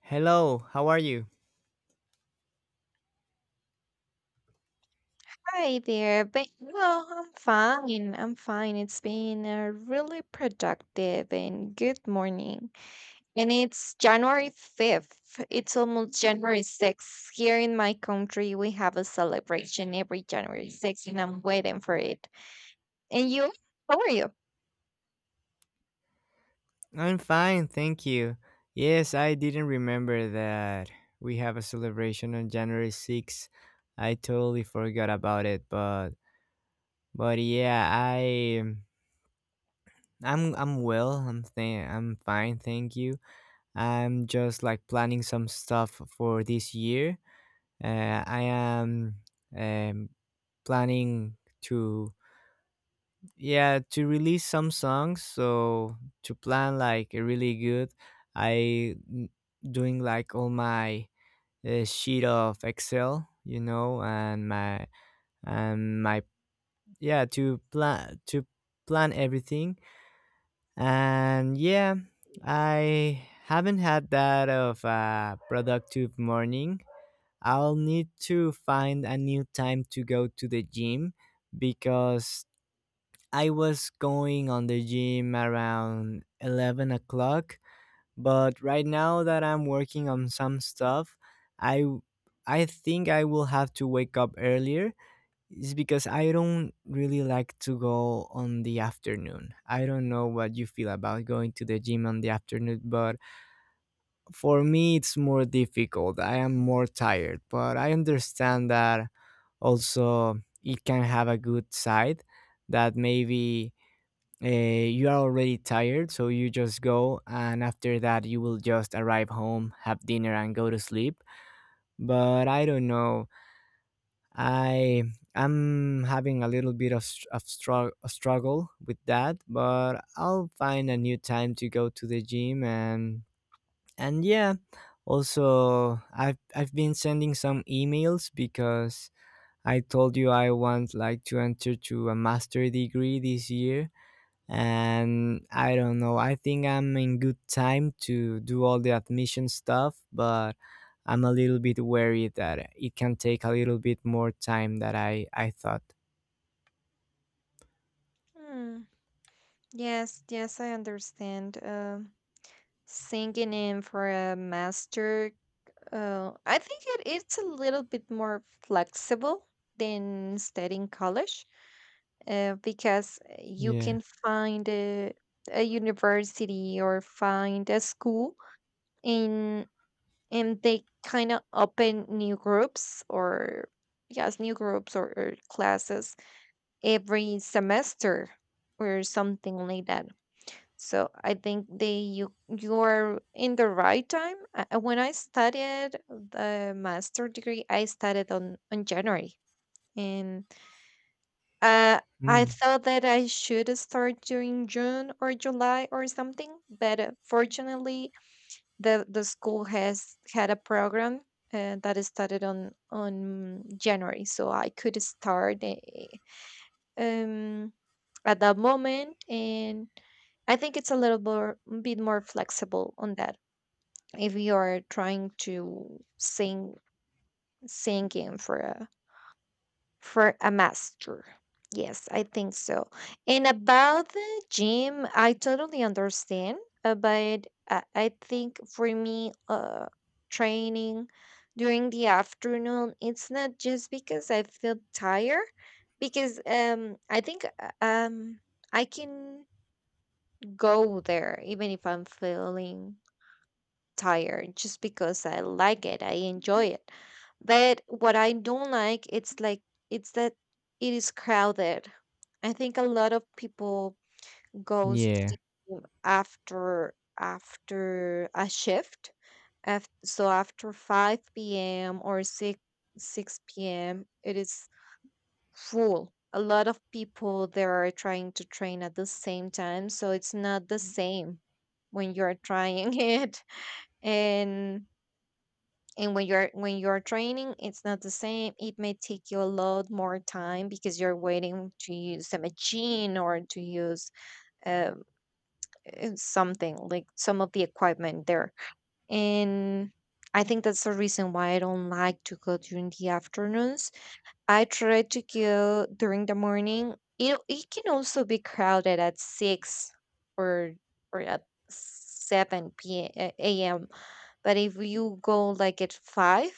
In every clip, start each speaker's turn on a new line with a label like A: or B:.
A: Hello, how are you?
B: Hi there, but well, I'm fine. I'm fine. It's been a really productive and good morning. And it's January 5th. It's almost January 6th. Here in my country, we have a celebration every January 6th, and I'm waiting for it. And you? How are you?
A: I'm fine, thank you. Yes, I didn't remember that we have a celebration on January 6th. I totally forgot about it, but yeah, I'm well. I'm fine, thank you. I'm just like planning some stuff for this year. I am um, planning to yeah to release some songs so to plan like a really good i n- doing like all my sheet of excel, and my yeah to plan everything. And yeah, I haven't had that of a productive morning. I'll need to find a new time to go to the gym because I was going on the gym around 11 o'clock, but right now that I'm working on some stuff, I w- I think I will have to wake up earlier. It's because I don't really like to go on the afternoon. I don't know what you feel about going to the gym on the afternoon, but for me it's more difficult. I am more tired, but I understand that also it can have a good side that maybe you are already tired, so you just go, and after that, you will just arrive home, have dinner, and go to sleep. But I don't know. I am having a little bit of, a struggle with that, but I'll find a new time to go to the gym, and yeah. Also, I've been sending some emails because I told you I want like to enter to a master degree this year, and I don't know. I think I'm in good time to do all the admission stuff, but I'm a little bit worried that it can take a little bit more time than I thought.
B: Hmm. Yes, yes, I understand. Singing in for a master, I think it's a little bit more flexible than studying college because you
A: Yeah.
B: can find a university or find a school and and they kind of open new groups or yes new groups or classes every semester or something like that so I think they you you are in the right time. When I studied the master degree I started on january and uh, I
A: Mm.
B: thought that I should start during June or July or something, but fortunately, the school has had a program that started on January, so I could start um at that moment, and I think it's a little more bit more flexible on that if you are trying to sing singing for a master. Yes, I think so. And about the gym, I totally understand, but I think for me, training during the afternoon, it's not just because I feel tired, because I think I can go there even if I'm feeling tired just because I like it. I enjoy it. But what I don't like, it's that it is crowded. I think a lot of people goes to
A: Yeah.
B: the gym after a shift. So after 5 p.m. or 6 p.m. it is full. A lot of people there are trying to train at the same time, so it's not the same when you're trying it. And when you're training it's not the same. It may take you a lot more time because you're waiting to use a machine or to use um, something like some of the equipment there and I think that's the reason why I don't like to go during the afternoons. I try to go during the morning. It can also be crowded at six or or at seven p.m. But if you go like at five,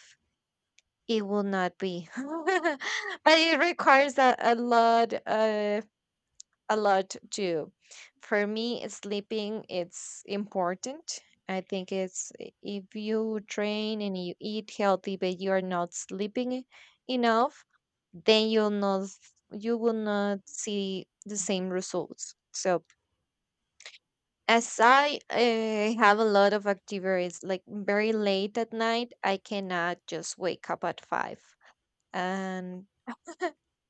B: it will not be. But it requires a lot too. For me, sleeping it's important. I think if you train and you eat healthy but you are not sleeping enough, then you will not see the same results. So as I have a lot of activities like very late at night, I cannot just wake up at five and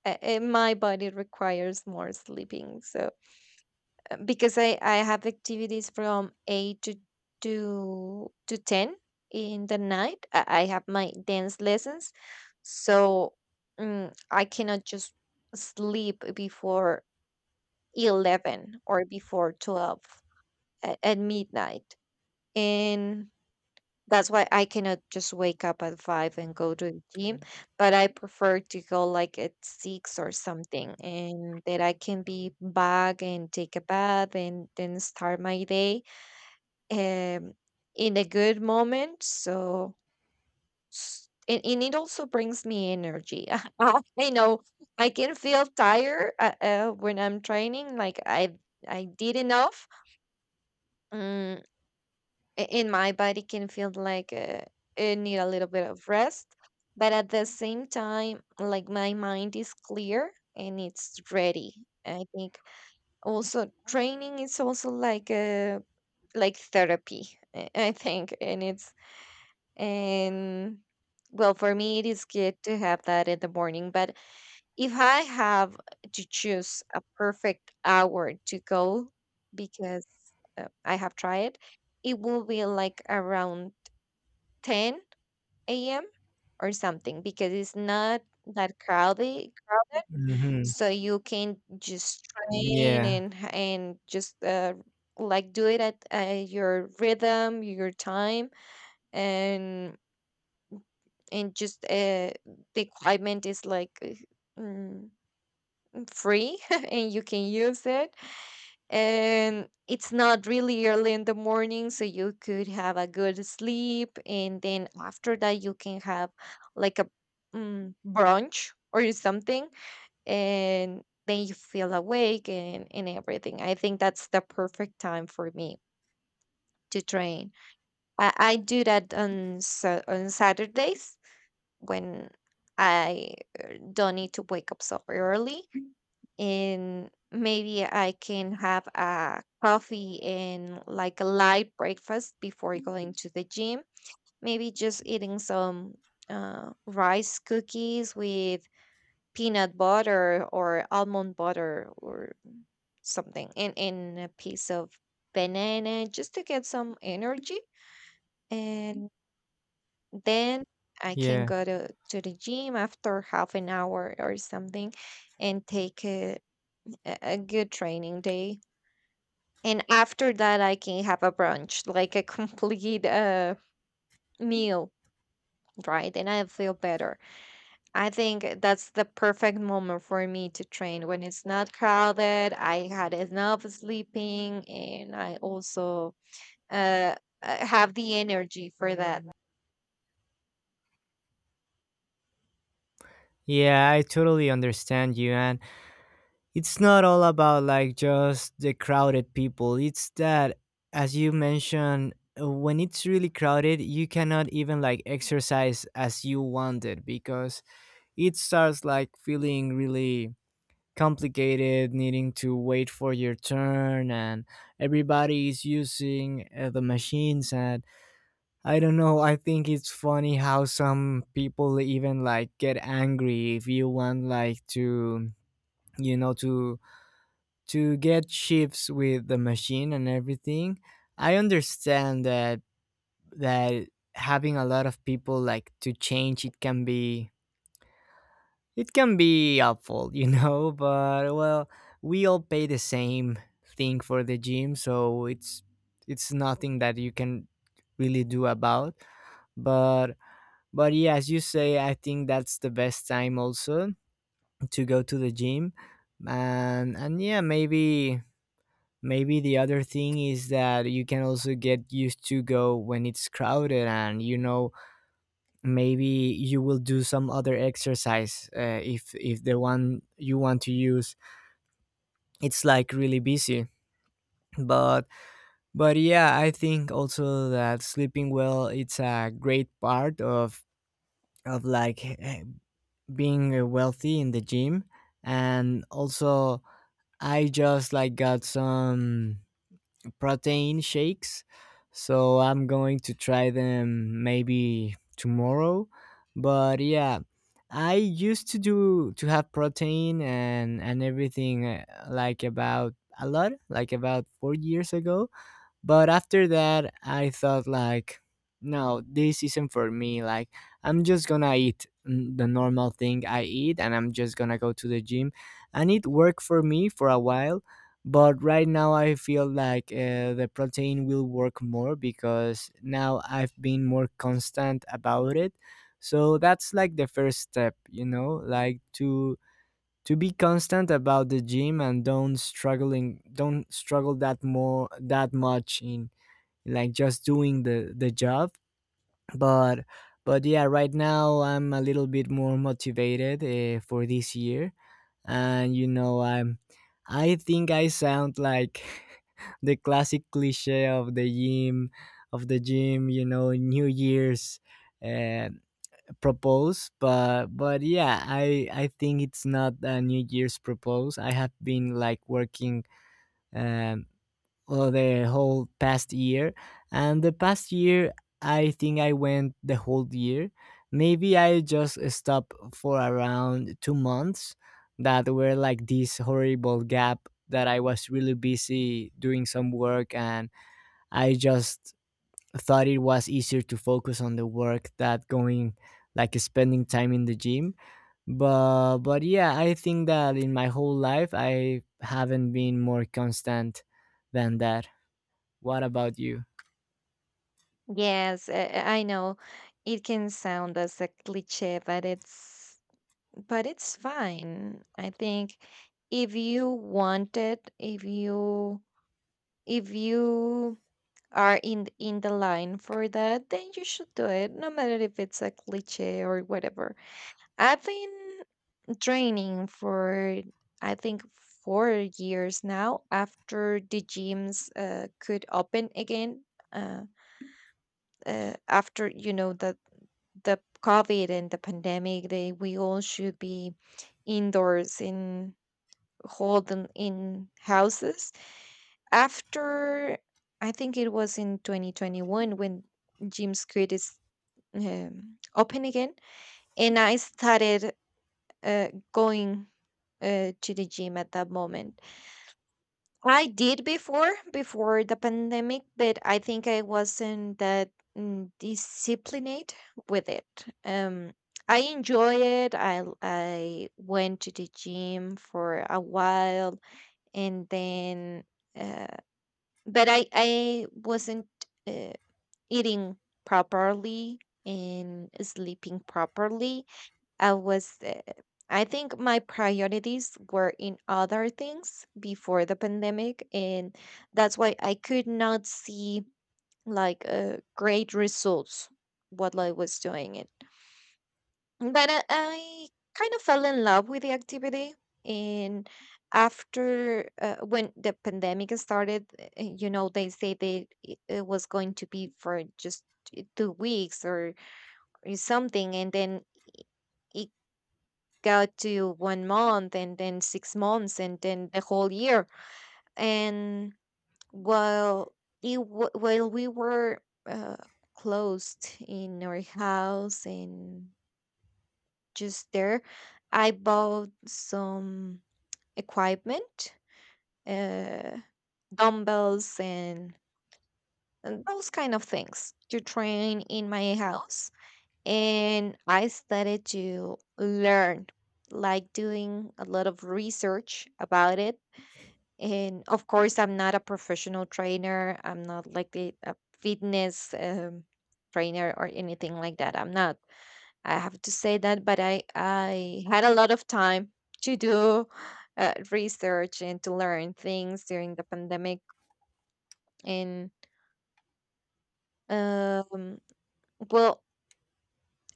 B: my body requires more sleeping so because i have activities from 8 to 10 in the night I have my dance lessons so I cannot just sleep before 11 or before 12 at midnight and that's why I cannot just wake up at five and go to the gym, but I prefer to go like at six or something, and that I can be back and take a bath and then start my day um, in a good moment. So, and it also brings me energy. I know I can feel tired when I'm training, like I did enough. mm, in my body can feel like it need a little bit of rest but at the same time like my mind is clear and it's ready. I think also training is also like a like therapy. I think and it's and well for me it is good to have that in the morning but if I have to choose a perfect hour to go, because I have tried, it will be like around 10 a.m. or something because it's not that crowded.
A: Hmm.
B: So you can just train
A: Yeah.
B: and just like do it at your rhythm, your time, and and just the equipment is like free. And you can use it and it's not really early in the morning so you could have a good sleep and then after that you can have like a brunch or something and then you feel awake and everything. I think that's the perfect time for me to train. I do that on saturdays when I don't need to wake up so early and maybe I can have a coffee and like a light breakfast before going to the gym. Maybe just eating some rice cookies with peanut butter or almond butter or something, and a piece of banana just to get some energy. And then I can
A: Yeah.
B: go to the gym after half an hour or something and take a good training day. And after that I can have a brunch like a complete meal, right, and I feel better. I think that's the perfect moment for me to train when it's not crowded. I had enough sleeping and I also uh have the energy for that.
A: Yeah, I totally understand you, and it's not all about like just the crowded people. It's that, as you mentioned, when it's really crowded, you cannot even like exercise as you wanted because it starts like feeling really complicated, needing to wait for your turn, and everybody is using the machines. And I don't know, I think it's funny how some people even like get angry if you want like to you know to get shifts with the machine and everything. I understand that that having a lot of people like to change, it can be it can be helpful, you know, but well, we all pay the same thing for the gym, so it's nothing that you can really do about. But but yeah, as you say, I think that's the best time also to go to the gym. And yeah, maybe maybe the other thing is that you can also get used to go when it's crowded, and you know maybe you will do some other exercise if the one you want to use it's like really busy. But but yeah, I think also that sleeping well, it's a great part of like being wealthy in the gym. And also, I just like got some protein shakes. So I'm going to try them maybe tomorrow. But yeah, I used to do to have protein and everything like about a lot, like about 4 years ago, but after that, I thought like, no, this isn't for me. Like, I'm just gonna eat the normal thing I eat, and I'm just gonna go to the gym, and it worked for me for a while. But right now, I feel like the protein will work more because now I've been more constant about it. So that's like the first step, you know, like to be constant about the gym and don't struggle that more that much in like just doing the job. But but yeah, right now I'm a little bit more motivated for this year. And you know, I'm I think I sound like the classic cliche of the gym of the gym, you know, new year's uh, propose. But yeah, I think it's not a new year's propose. I have been like working um well, the whole past year. And the past year, I think I went the whole year. Maybe I just stopped for around 2 months that were like this horrible gap that I was really busy doing some work, and I just thought it was easier to focus on the work that going like spending time in the gym. But yeah, I think that in my whole life I haven't been more constant than that. What about you?
B: Yes, I know it can sound as a cliche but it's fine. I think if you want it, if you are in in the line for that, then you should do it, no matter if it's a cliche or whatever. I've been training for I think 4 years now after the gyms could open again. Uh, After you know the COVID and the pandemic, they we all should be indoors in holding in houses after I think it was in 2021 when Jim's Creek is open again, and I started going to the gym at that moment. I did before the pandemic, but I think I wasn't that disciplined with it. Um, I enjoy it. I went to the gym for a while, and then. uh, but I wasn't uh, eating properly and sleeping properly. I was I think my priorities were in other things before the pandemic, and that's why I could not see like great results what I was doing. But I kind of fell in love with the activity. And after, when the pandemic started, you know, they say that it was going to be for just 2 weeks or something. And then it got to one month and then 6 months and then the whole year. And while, while we were uh, closed in our house and just there. I bought some equipment, uh, dumbbells, and those kind of things to train in my house. And I started to learn, like doing a lot of research about it. And of course, I'm not a professional trainer, I'm not like a fitness trainer or anything like that. I'm not. I have to say that, but I had a lot of time to do research and to learn things during the pandemic. And um, well,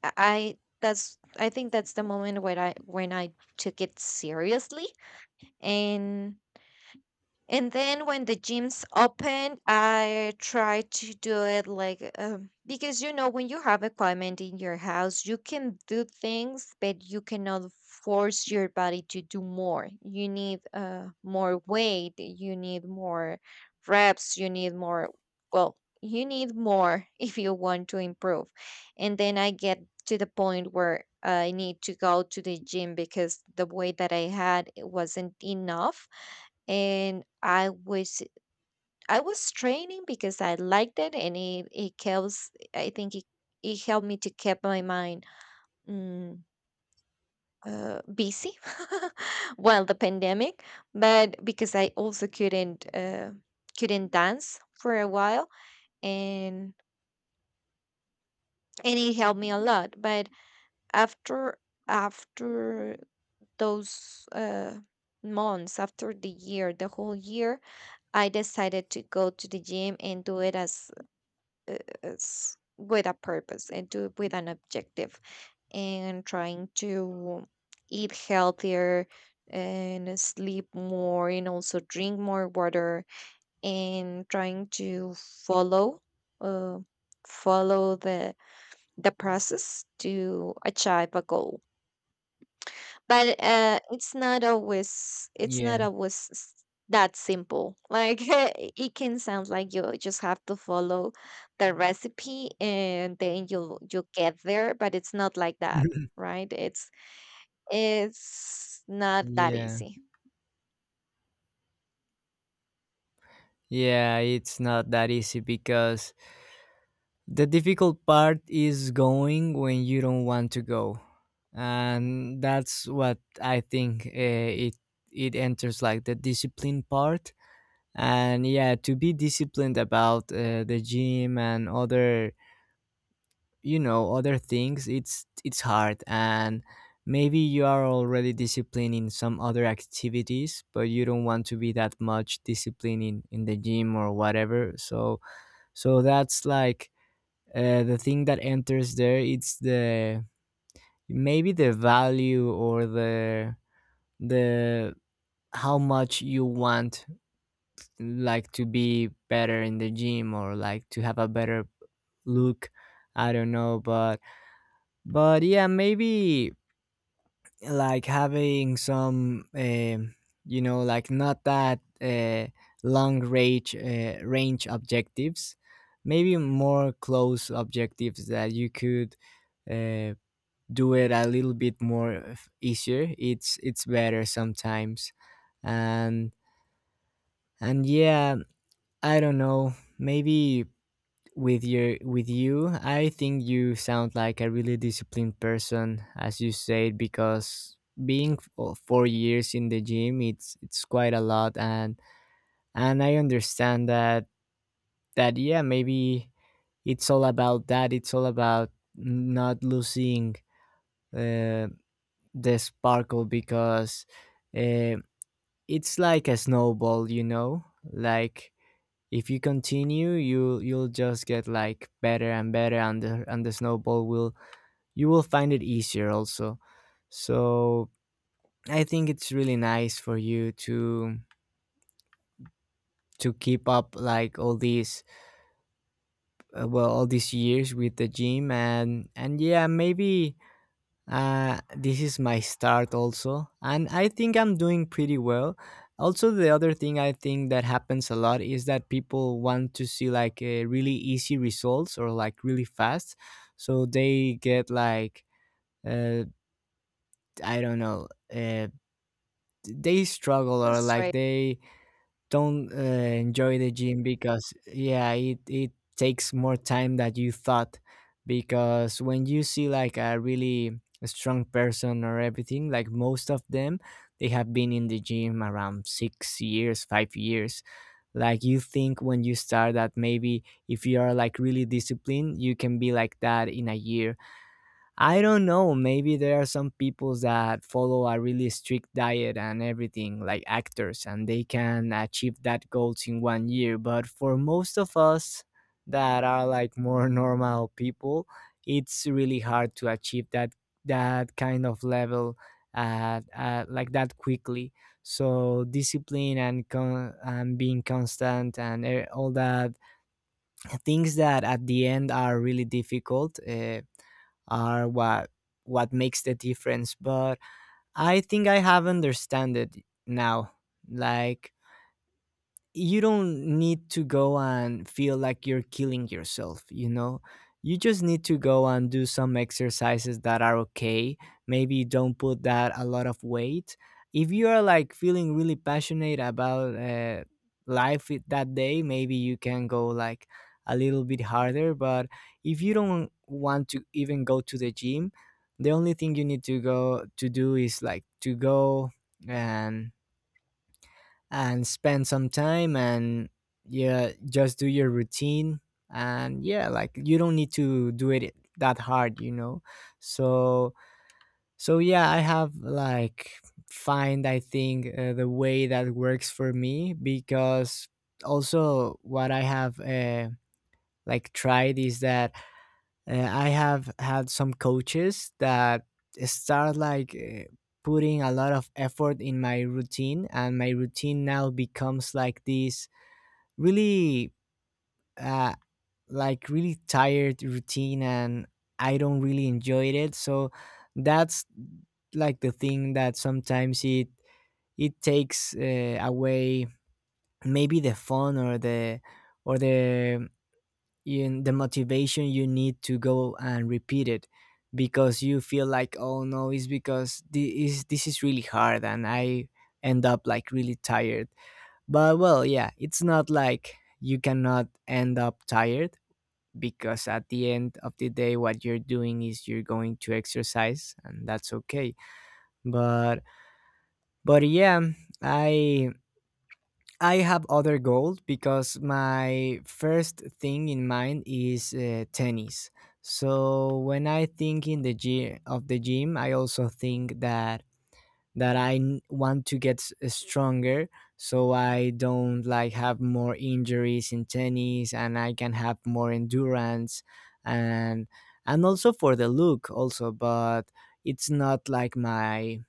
B: I- that's I think that's the moment when I took it seriously, and And then when the gyms open, I try to do it like because you know when you have equipment in your house, you can do things, but you cannot force your body to do more. You need more weight, you need more reps, you need more. Well, you need more. If you want to improve. And then I get to the point where I need to go to the gym because the weight that I had it wasn't enough, and I was training because I liked it, and it helps. I think it helped me to keep my mind mm, busy while the pandemic, but because I also couldn't dance for a while. And and it helped me a lot, but after after those months, after the year, the whole year, I decided to go to the gym and do it as is with a purpose, and do it with an objective, and trying to eat healthier and sleep more, and also drink more water, and trying to uh, follow the process to achieve a goal. But it's not always it's not
A: Yeah.
B: always s- that simple, like it can sound like you just have to follow the recipe and then you'll get there, but it's not like that, right? It's not that
A: Yeah.
B: easy.
A: Yeah, it's not that easy because the difficult part is going when you don't want to go. And that's what I think, it it enters like the discipline part. And yeah, to be disciplined about the gym and other you know other things, it's hard. And maybe you are already disciplined in some other activities, but you don't want to be that much disciplined in the gym or whatever. So so that's like the thing that enters there, it's the maybe the value or the how much you want like to be better in the gym or like to have a better look. I don't know, but yeah, maybe like having some you know, like not that long range range objectives, maybe more close objectives that you could uh, do it a little bit more easier, it's better sometimes. and and yeah, I don't know, maybe with your with you, I think you sound like a really disciplined person as you said, because oh, 4 years in the gym, it's quite a lot. And I understand that that yeah maybe it's all about that, it's all about not losing uh, the sparkle because uh, it's like a snowball, you know, like if you continue, you'll just get like better and better. And the and the snowball will you will find it easier also. So I think it's really nice for you to keep up like all these well all these years with the gym. And yeah, maybe this is my start also, and I think I'm doing pretty well. Also the other thing I think that happens a lot is that people want to see like really easy results or like really fast. So they get like uh, I don't know, uh, they struggle or
B: Just
A: like
B: right.
A: they don't enjoy the gym because yeah, it takes more time that you thought. Because when you see like a really strong person or everything, like most of them, they have been in the gym around 6 years 5 years. Like you think when you start that maybe if you are like really disciplined, you can be like that in a year. I don't know. Maybe there are some people that follow a really strict diet and everything, like actors, and they can achieve that goals in one year. But for most of us that are like more normal people, it's really hard to achieve that that kind of level, like that quickly. So discipline and and being constant and all that things that at the end are really difficult. Are what makes the difference. But I think I have understand it now, like you don't need to go and feel like you're killing yourself, you know? You just need to go and do some exercises that are okay. Maybe don't put that a lot of weight. If you are like feeling really passionate about life that day, maybe you can go like a little bit harder. But if you don't want to even go to the gym, the only thing you need to go to do is like to go and and spend some time and yeah, just do your routine. And yeah, like you don't need to do it that hard, you know? So, so yeah, I have like find, I think, the way that works for me. Because also what I have like tried is that I have had some coaches that start like putting a lot of effort in my routine, and my routine now becomes like this really, uh, like really tired routine, and I don't really enjoy it. So that's like the thing that sometimes it takes away maybe the fun or the or the the motivation you need to go and repeat it, because you feel like, oh no, it's because this is really hard and I end up like really tired. But well, yeah, it's not like you cannot end up tired, because at the end of the day what you're doing is you're going to exercise and that's okay. But but yeah i I have other goals because my first thing in mind is tennis. So when I think in the gym of the gym, I also think that want to get stronger, so I don't like have more injuries in tennis and I can have more endurance, and and also for the look also. But it's not like my,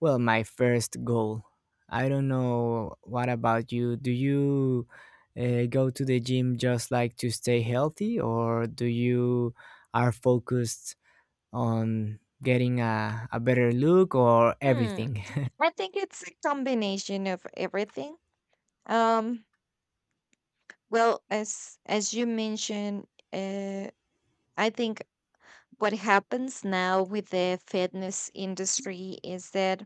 A: well, my first goal. I don't know, what about you? Do you go to the gym just like to stay healthy, or do you are focused on getting a better look or
B: hmm
A: everything?
B: I think it's a combination of everything. um well, as you mentioned, uh I think what happens now with the fitness industry is that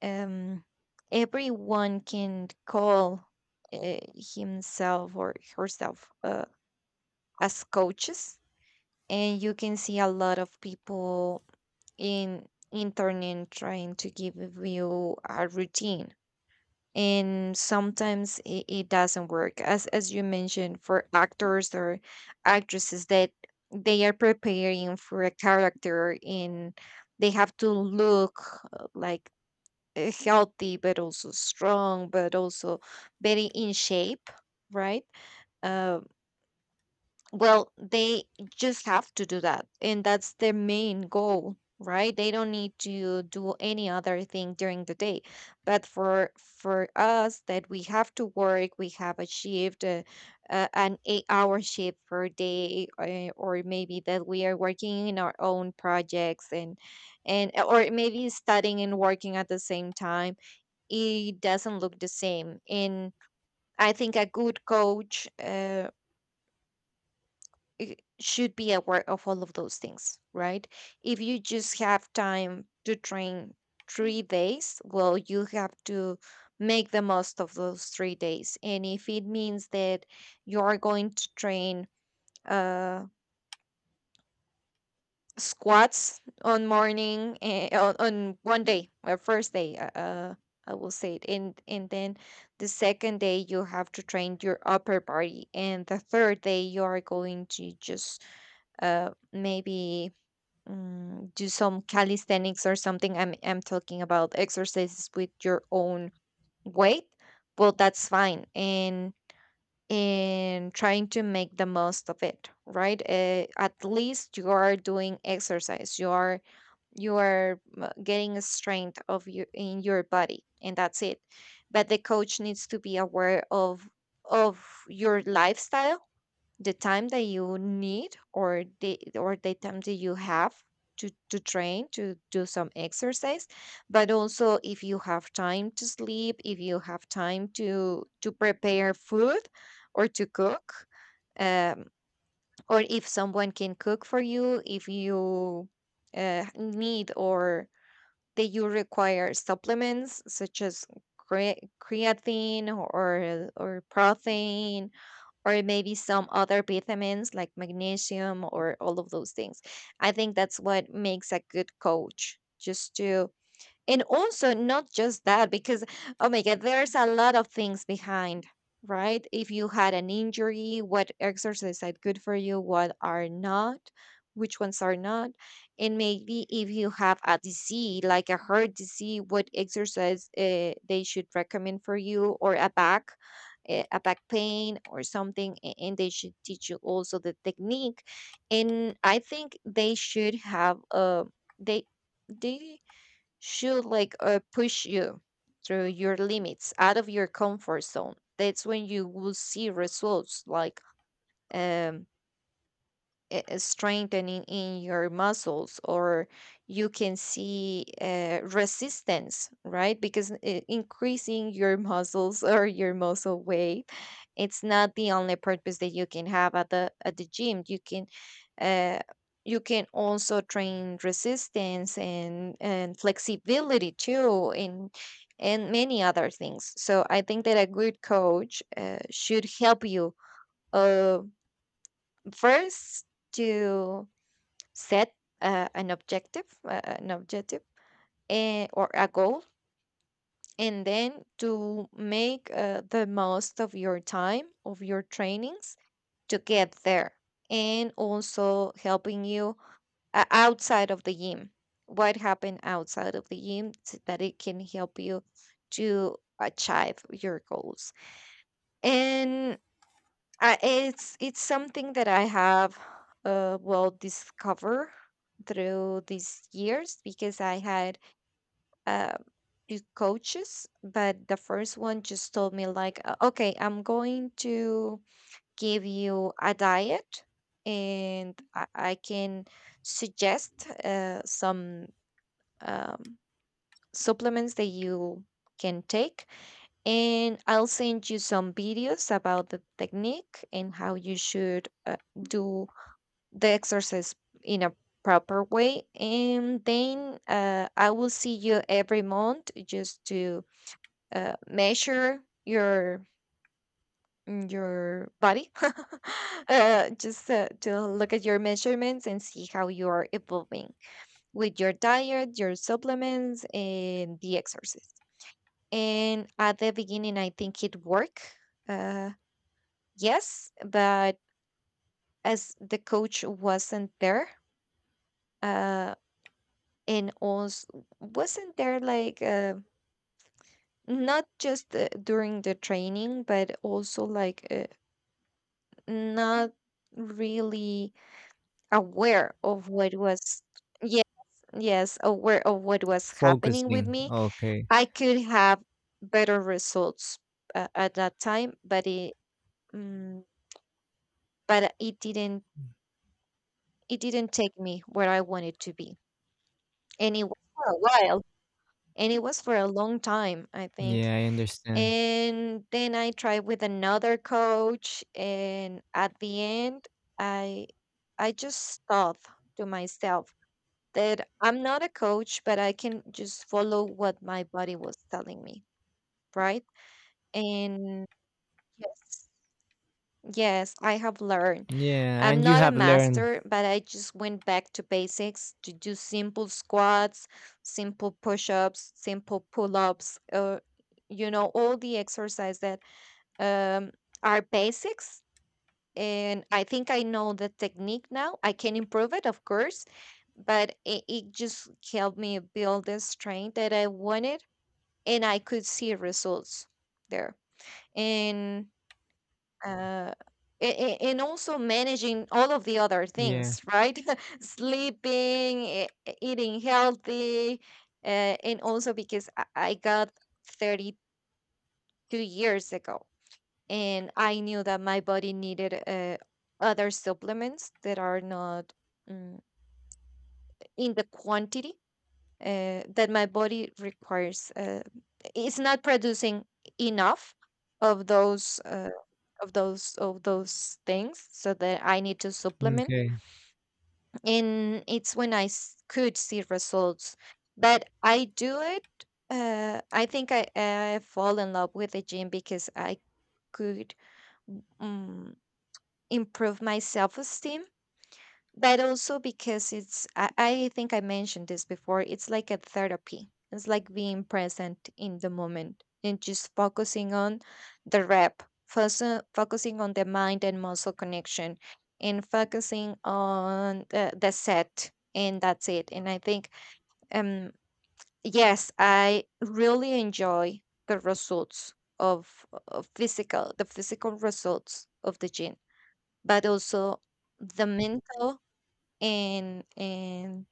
B: um, everyone can call himself or herself as coaches, and you can see a lot of people in internet trying to give you a routine. And sometimes it doesn't work, as you mentioned, for actors or actresses that they are preparing for a character, and they have to look like healthy but also strong but also very in shape, right? uh, well, they just have to do that, and that's their main goal, right? They don't need to do any other thing during the day. But for us that we have to work, we have a shift, an 8-hour shift per day, or maybe that we are working in our own projects, and or maybe studying and working at the same time. It doesn't look the same. And I think a good coach should be aware of all of those things, right? If you just have time to train 3 days, well, you have to make the most of those 3 days. And if it means that you are going to train, uh, squats on morning, on one day or first day, I will say it, and then the second day you have to train your upper body, and the third day you are going to just maybe do some calisthenics or something. I'm talking about exercises with your own weight. Well, that's fine, and trying to make the most of it, right? At least you are doing exercise. You are getting a strength of you in your body, and that's it. But the coach needs to be aware of your lifestyle, the time that you need, or the time that you have to train, to do some exercise, but also if you have time to sleep, if you have time to prepare food or to cook, um, or if someone can cook for you, if you need, or they you require supplements such as creatine or protein, or maybe some other vitamins like magnesium, or all of those things. I think that's what makes a good coach, just to. And also, not just that, because, oh my God, there's a lot of things behind, right? If you had an injury, what exercises are good for you, what are not, which ones are not. And maybe if you have a disease, like a heart disease, what exercise they should recommend for you, or a back. A back pain or something, and they should teach you also the technique. And I think they should have, they they should like push you through your limits, out of your comfort zone. That's when you will see results, like um strengthening in your muscles, or you can see resistance, right? Because increasing your muscles or your muscle weight, it's not the only purpose that you can have at the gym. Uh, you can also train resistance and flexibility too, and many other things. So I think that a good coach should help you, uh, first, to set an objective, or a goal, and then to make the most of your time, of your trainings, to get there, and also helping you outside of the gym. What happened outside of the gym so that it can help you to achieve your goals, and I it's something that I have, well, discover through these years, because I had uh two coaches. But the first one just told me, like, okay, I'm going to give you a diet, and I can suggest some um supplements that you can take. And I'll send you some videos about the technique, and how you should do the exercise in a proper way. And then I will see you every month, just to measure your body just to look at your measurements and see how you are evolving with your diet, your supplements, and the exercise. And at the beginning, I think it worked. Uh, yes, but as the coach wasn't there, uh, and also wasn't there, like, not just during the training, but also, like, not really aware of what was, yes, yes, aware of what was happening with
A: Focusing.
B: me.
A: Okay.
B: I could have better results at that time, mm, but it didn't. It didn't take me where I wanted to be. And it was for a while. And it was for a long time, I think.
A: Yeah, I understand.
B: And then I tried with another coach, and at the end I I just thought to myself that I'm not a coach, but I can just follow what my body was telling me, right? And yes, Yes, I have learned.
A: Yeah,
B: I'm
A: and you
B: not a
A: have learned.
B: master, but I just went back to basics to do simple squats, simple push-ups, simple pull-ups, all the exercise that um, are basics. And I think I know the technique now. I can improve it, of course, but it just helped me build the strength that I wanted, and I could see results there. uh, and also managing all of the other
A: Yeah.
B: things, right? Sleeping, eating healthy, and also because I got 32 years ago, and I knew that my body needed other supplements that are not mm, in the quantity that my body requires. It's not producing enough of those. Of those things, so that I need to supplement.
A: Okay.
B: And it's when could see results that I do it. I think I fall in love with the gym because I could um, improve my self-esteem, but also because it's I think I mentioned this before, it's like a therapy, it's like being present in the moment and just focusing on focusing on the mind and muscle connection, and focusing on the set, and that's it. And I think, um yes, I really enjoy the results, of physical the physical results of the gym, but also the mental, and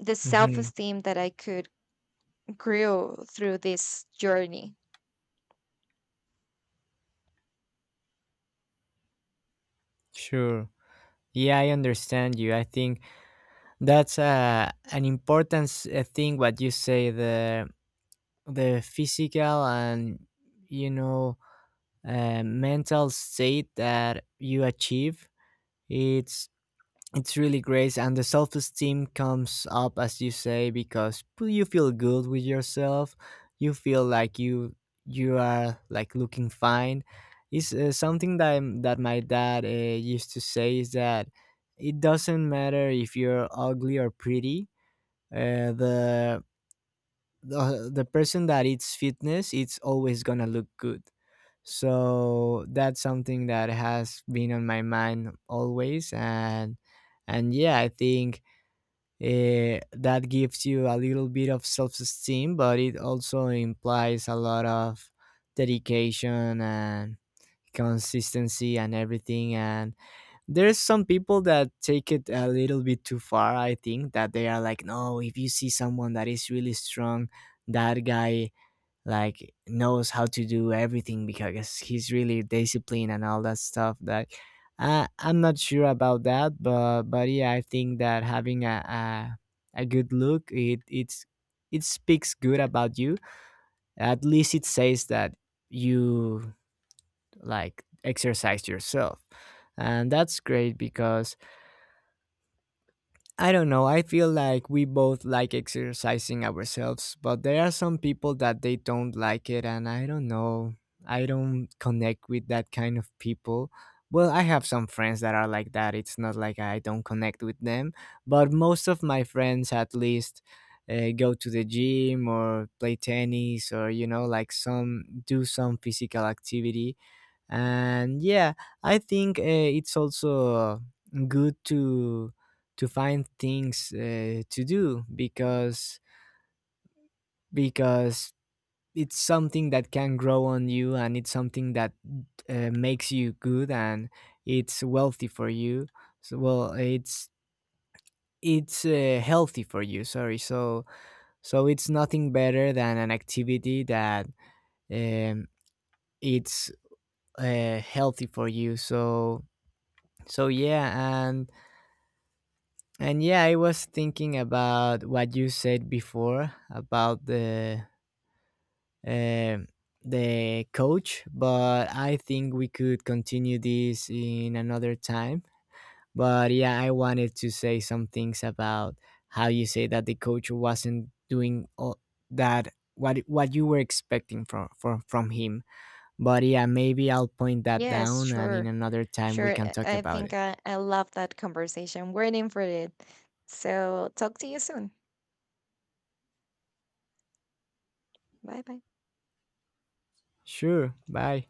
B: the
A: Mm-hmm.
B: self-esteem that I could grow through this journey.
A: Sure. Yeah, I understand you. I think that's a an important thing what you say: the physical and, you know, mental state that you achieve. It's it's really great, and the self-esteem comes up as you say, because you feel good with yourself, you feel like you are like looking fine. Is something that that my dad used to say, is that it doesn't matter if you're ugly or pretty, uh, the the person that eats fitness, it's always gonna look good. So that's something that has been on my mind always, and yeah, I think that gives you a little bit of self-esteem, but it also implies a lot of dedication and consistency and everything. And there's some people that take it a little bit too far, I think, that they are like, no, if you see someone that is really strong, that guy like knows how to do everything because he's really disciplined and all that stuff that I'm not sure about that. But yeah, I think that having a a good look, it it speaks good about you. At least it says that you like exercise yourself, and that's great because I don't know. I feel like we both like exercising ourselves, but there are some people that they don't like it, and I don't know. I don't connect with that kind of people. Well, I have some friends that are like that. It's not like I don't connect with them, but most of my friends, at least, go to the gym or play tennis, or, you know, like some do some physical activity. And yeah, I think it's also good to find things to do, because it's something that can grow on you, and it's something that makes you good and it's wealthy for you, so well, it's healthy for you, sorry. So so it's nothing better than an activity that um, it's healthy for you. So so yeah, and yeah, I was thinking about what you said before about uh, the coach, but I think we could continue this in another time. But yeah, I wanted to say some things about how you say that the coach wasn't doing all that what you were expecting from from him. But yeah, maybe I'll point that
B: Yes,
A: down, and in
B: sure.
A: another time we
B: Sure.
A: can
B: I
A: talk
B: I
A: about
B: think
A: it.
B: I love that conversation. Waiting for it. So talk to you soon. Bye bye.
A: Sure. Bye.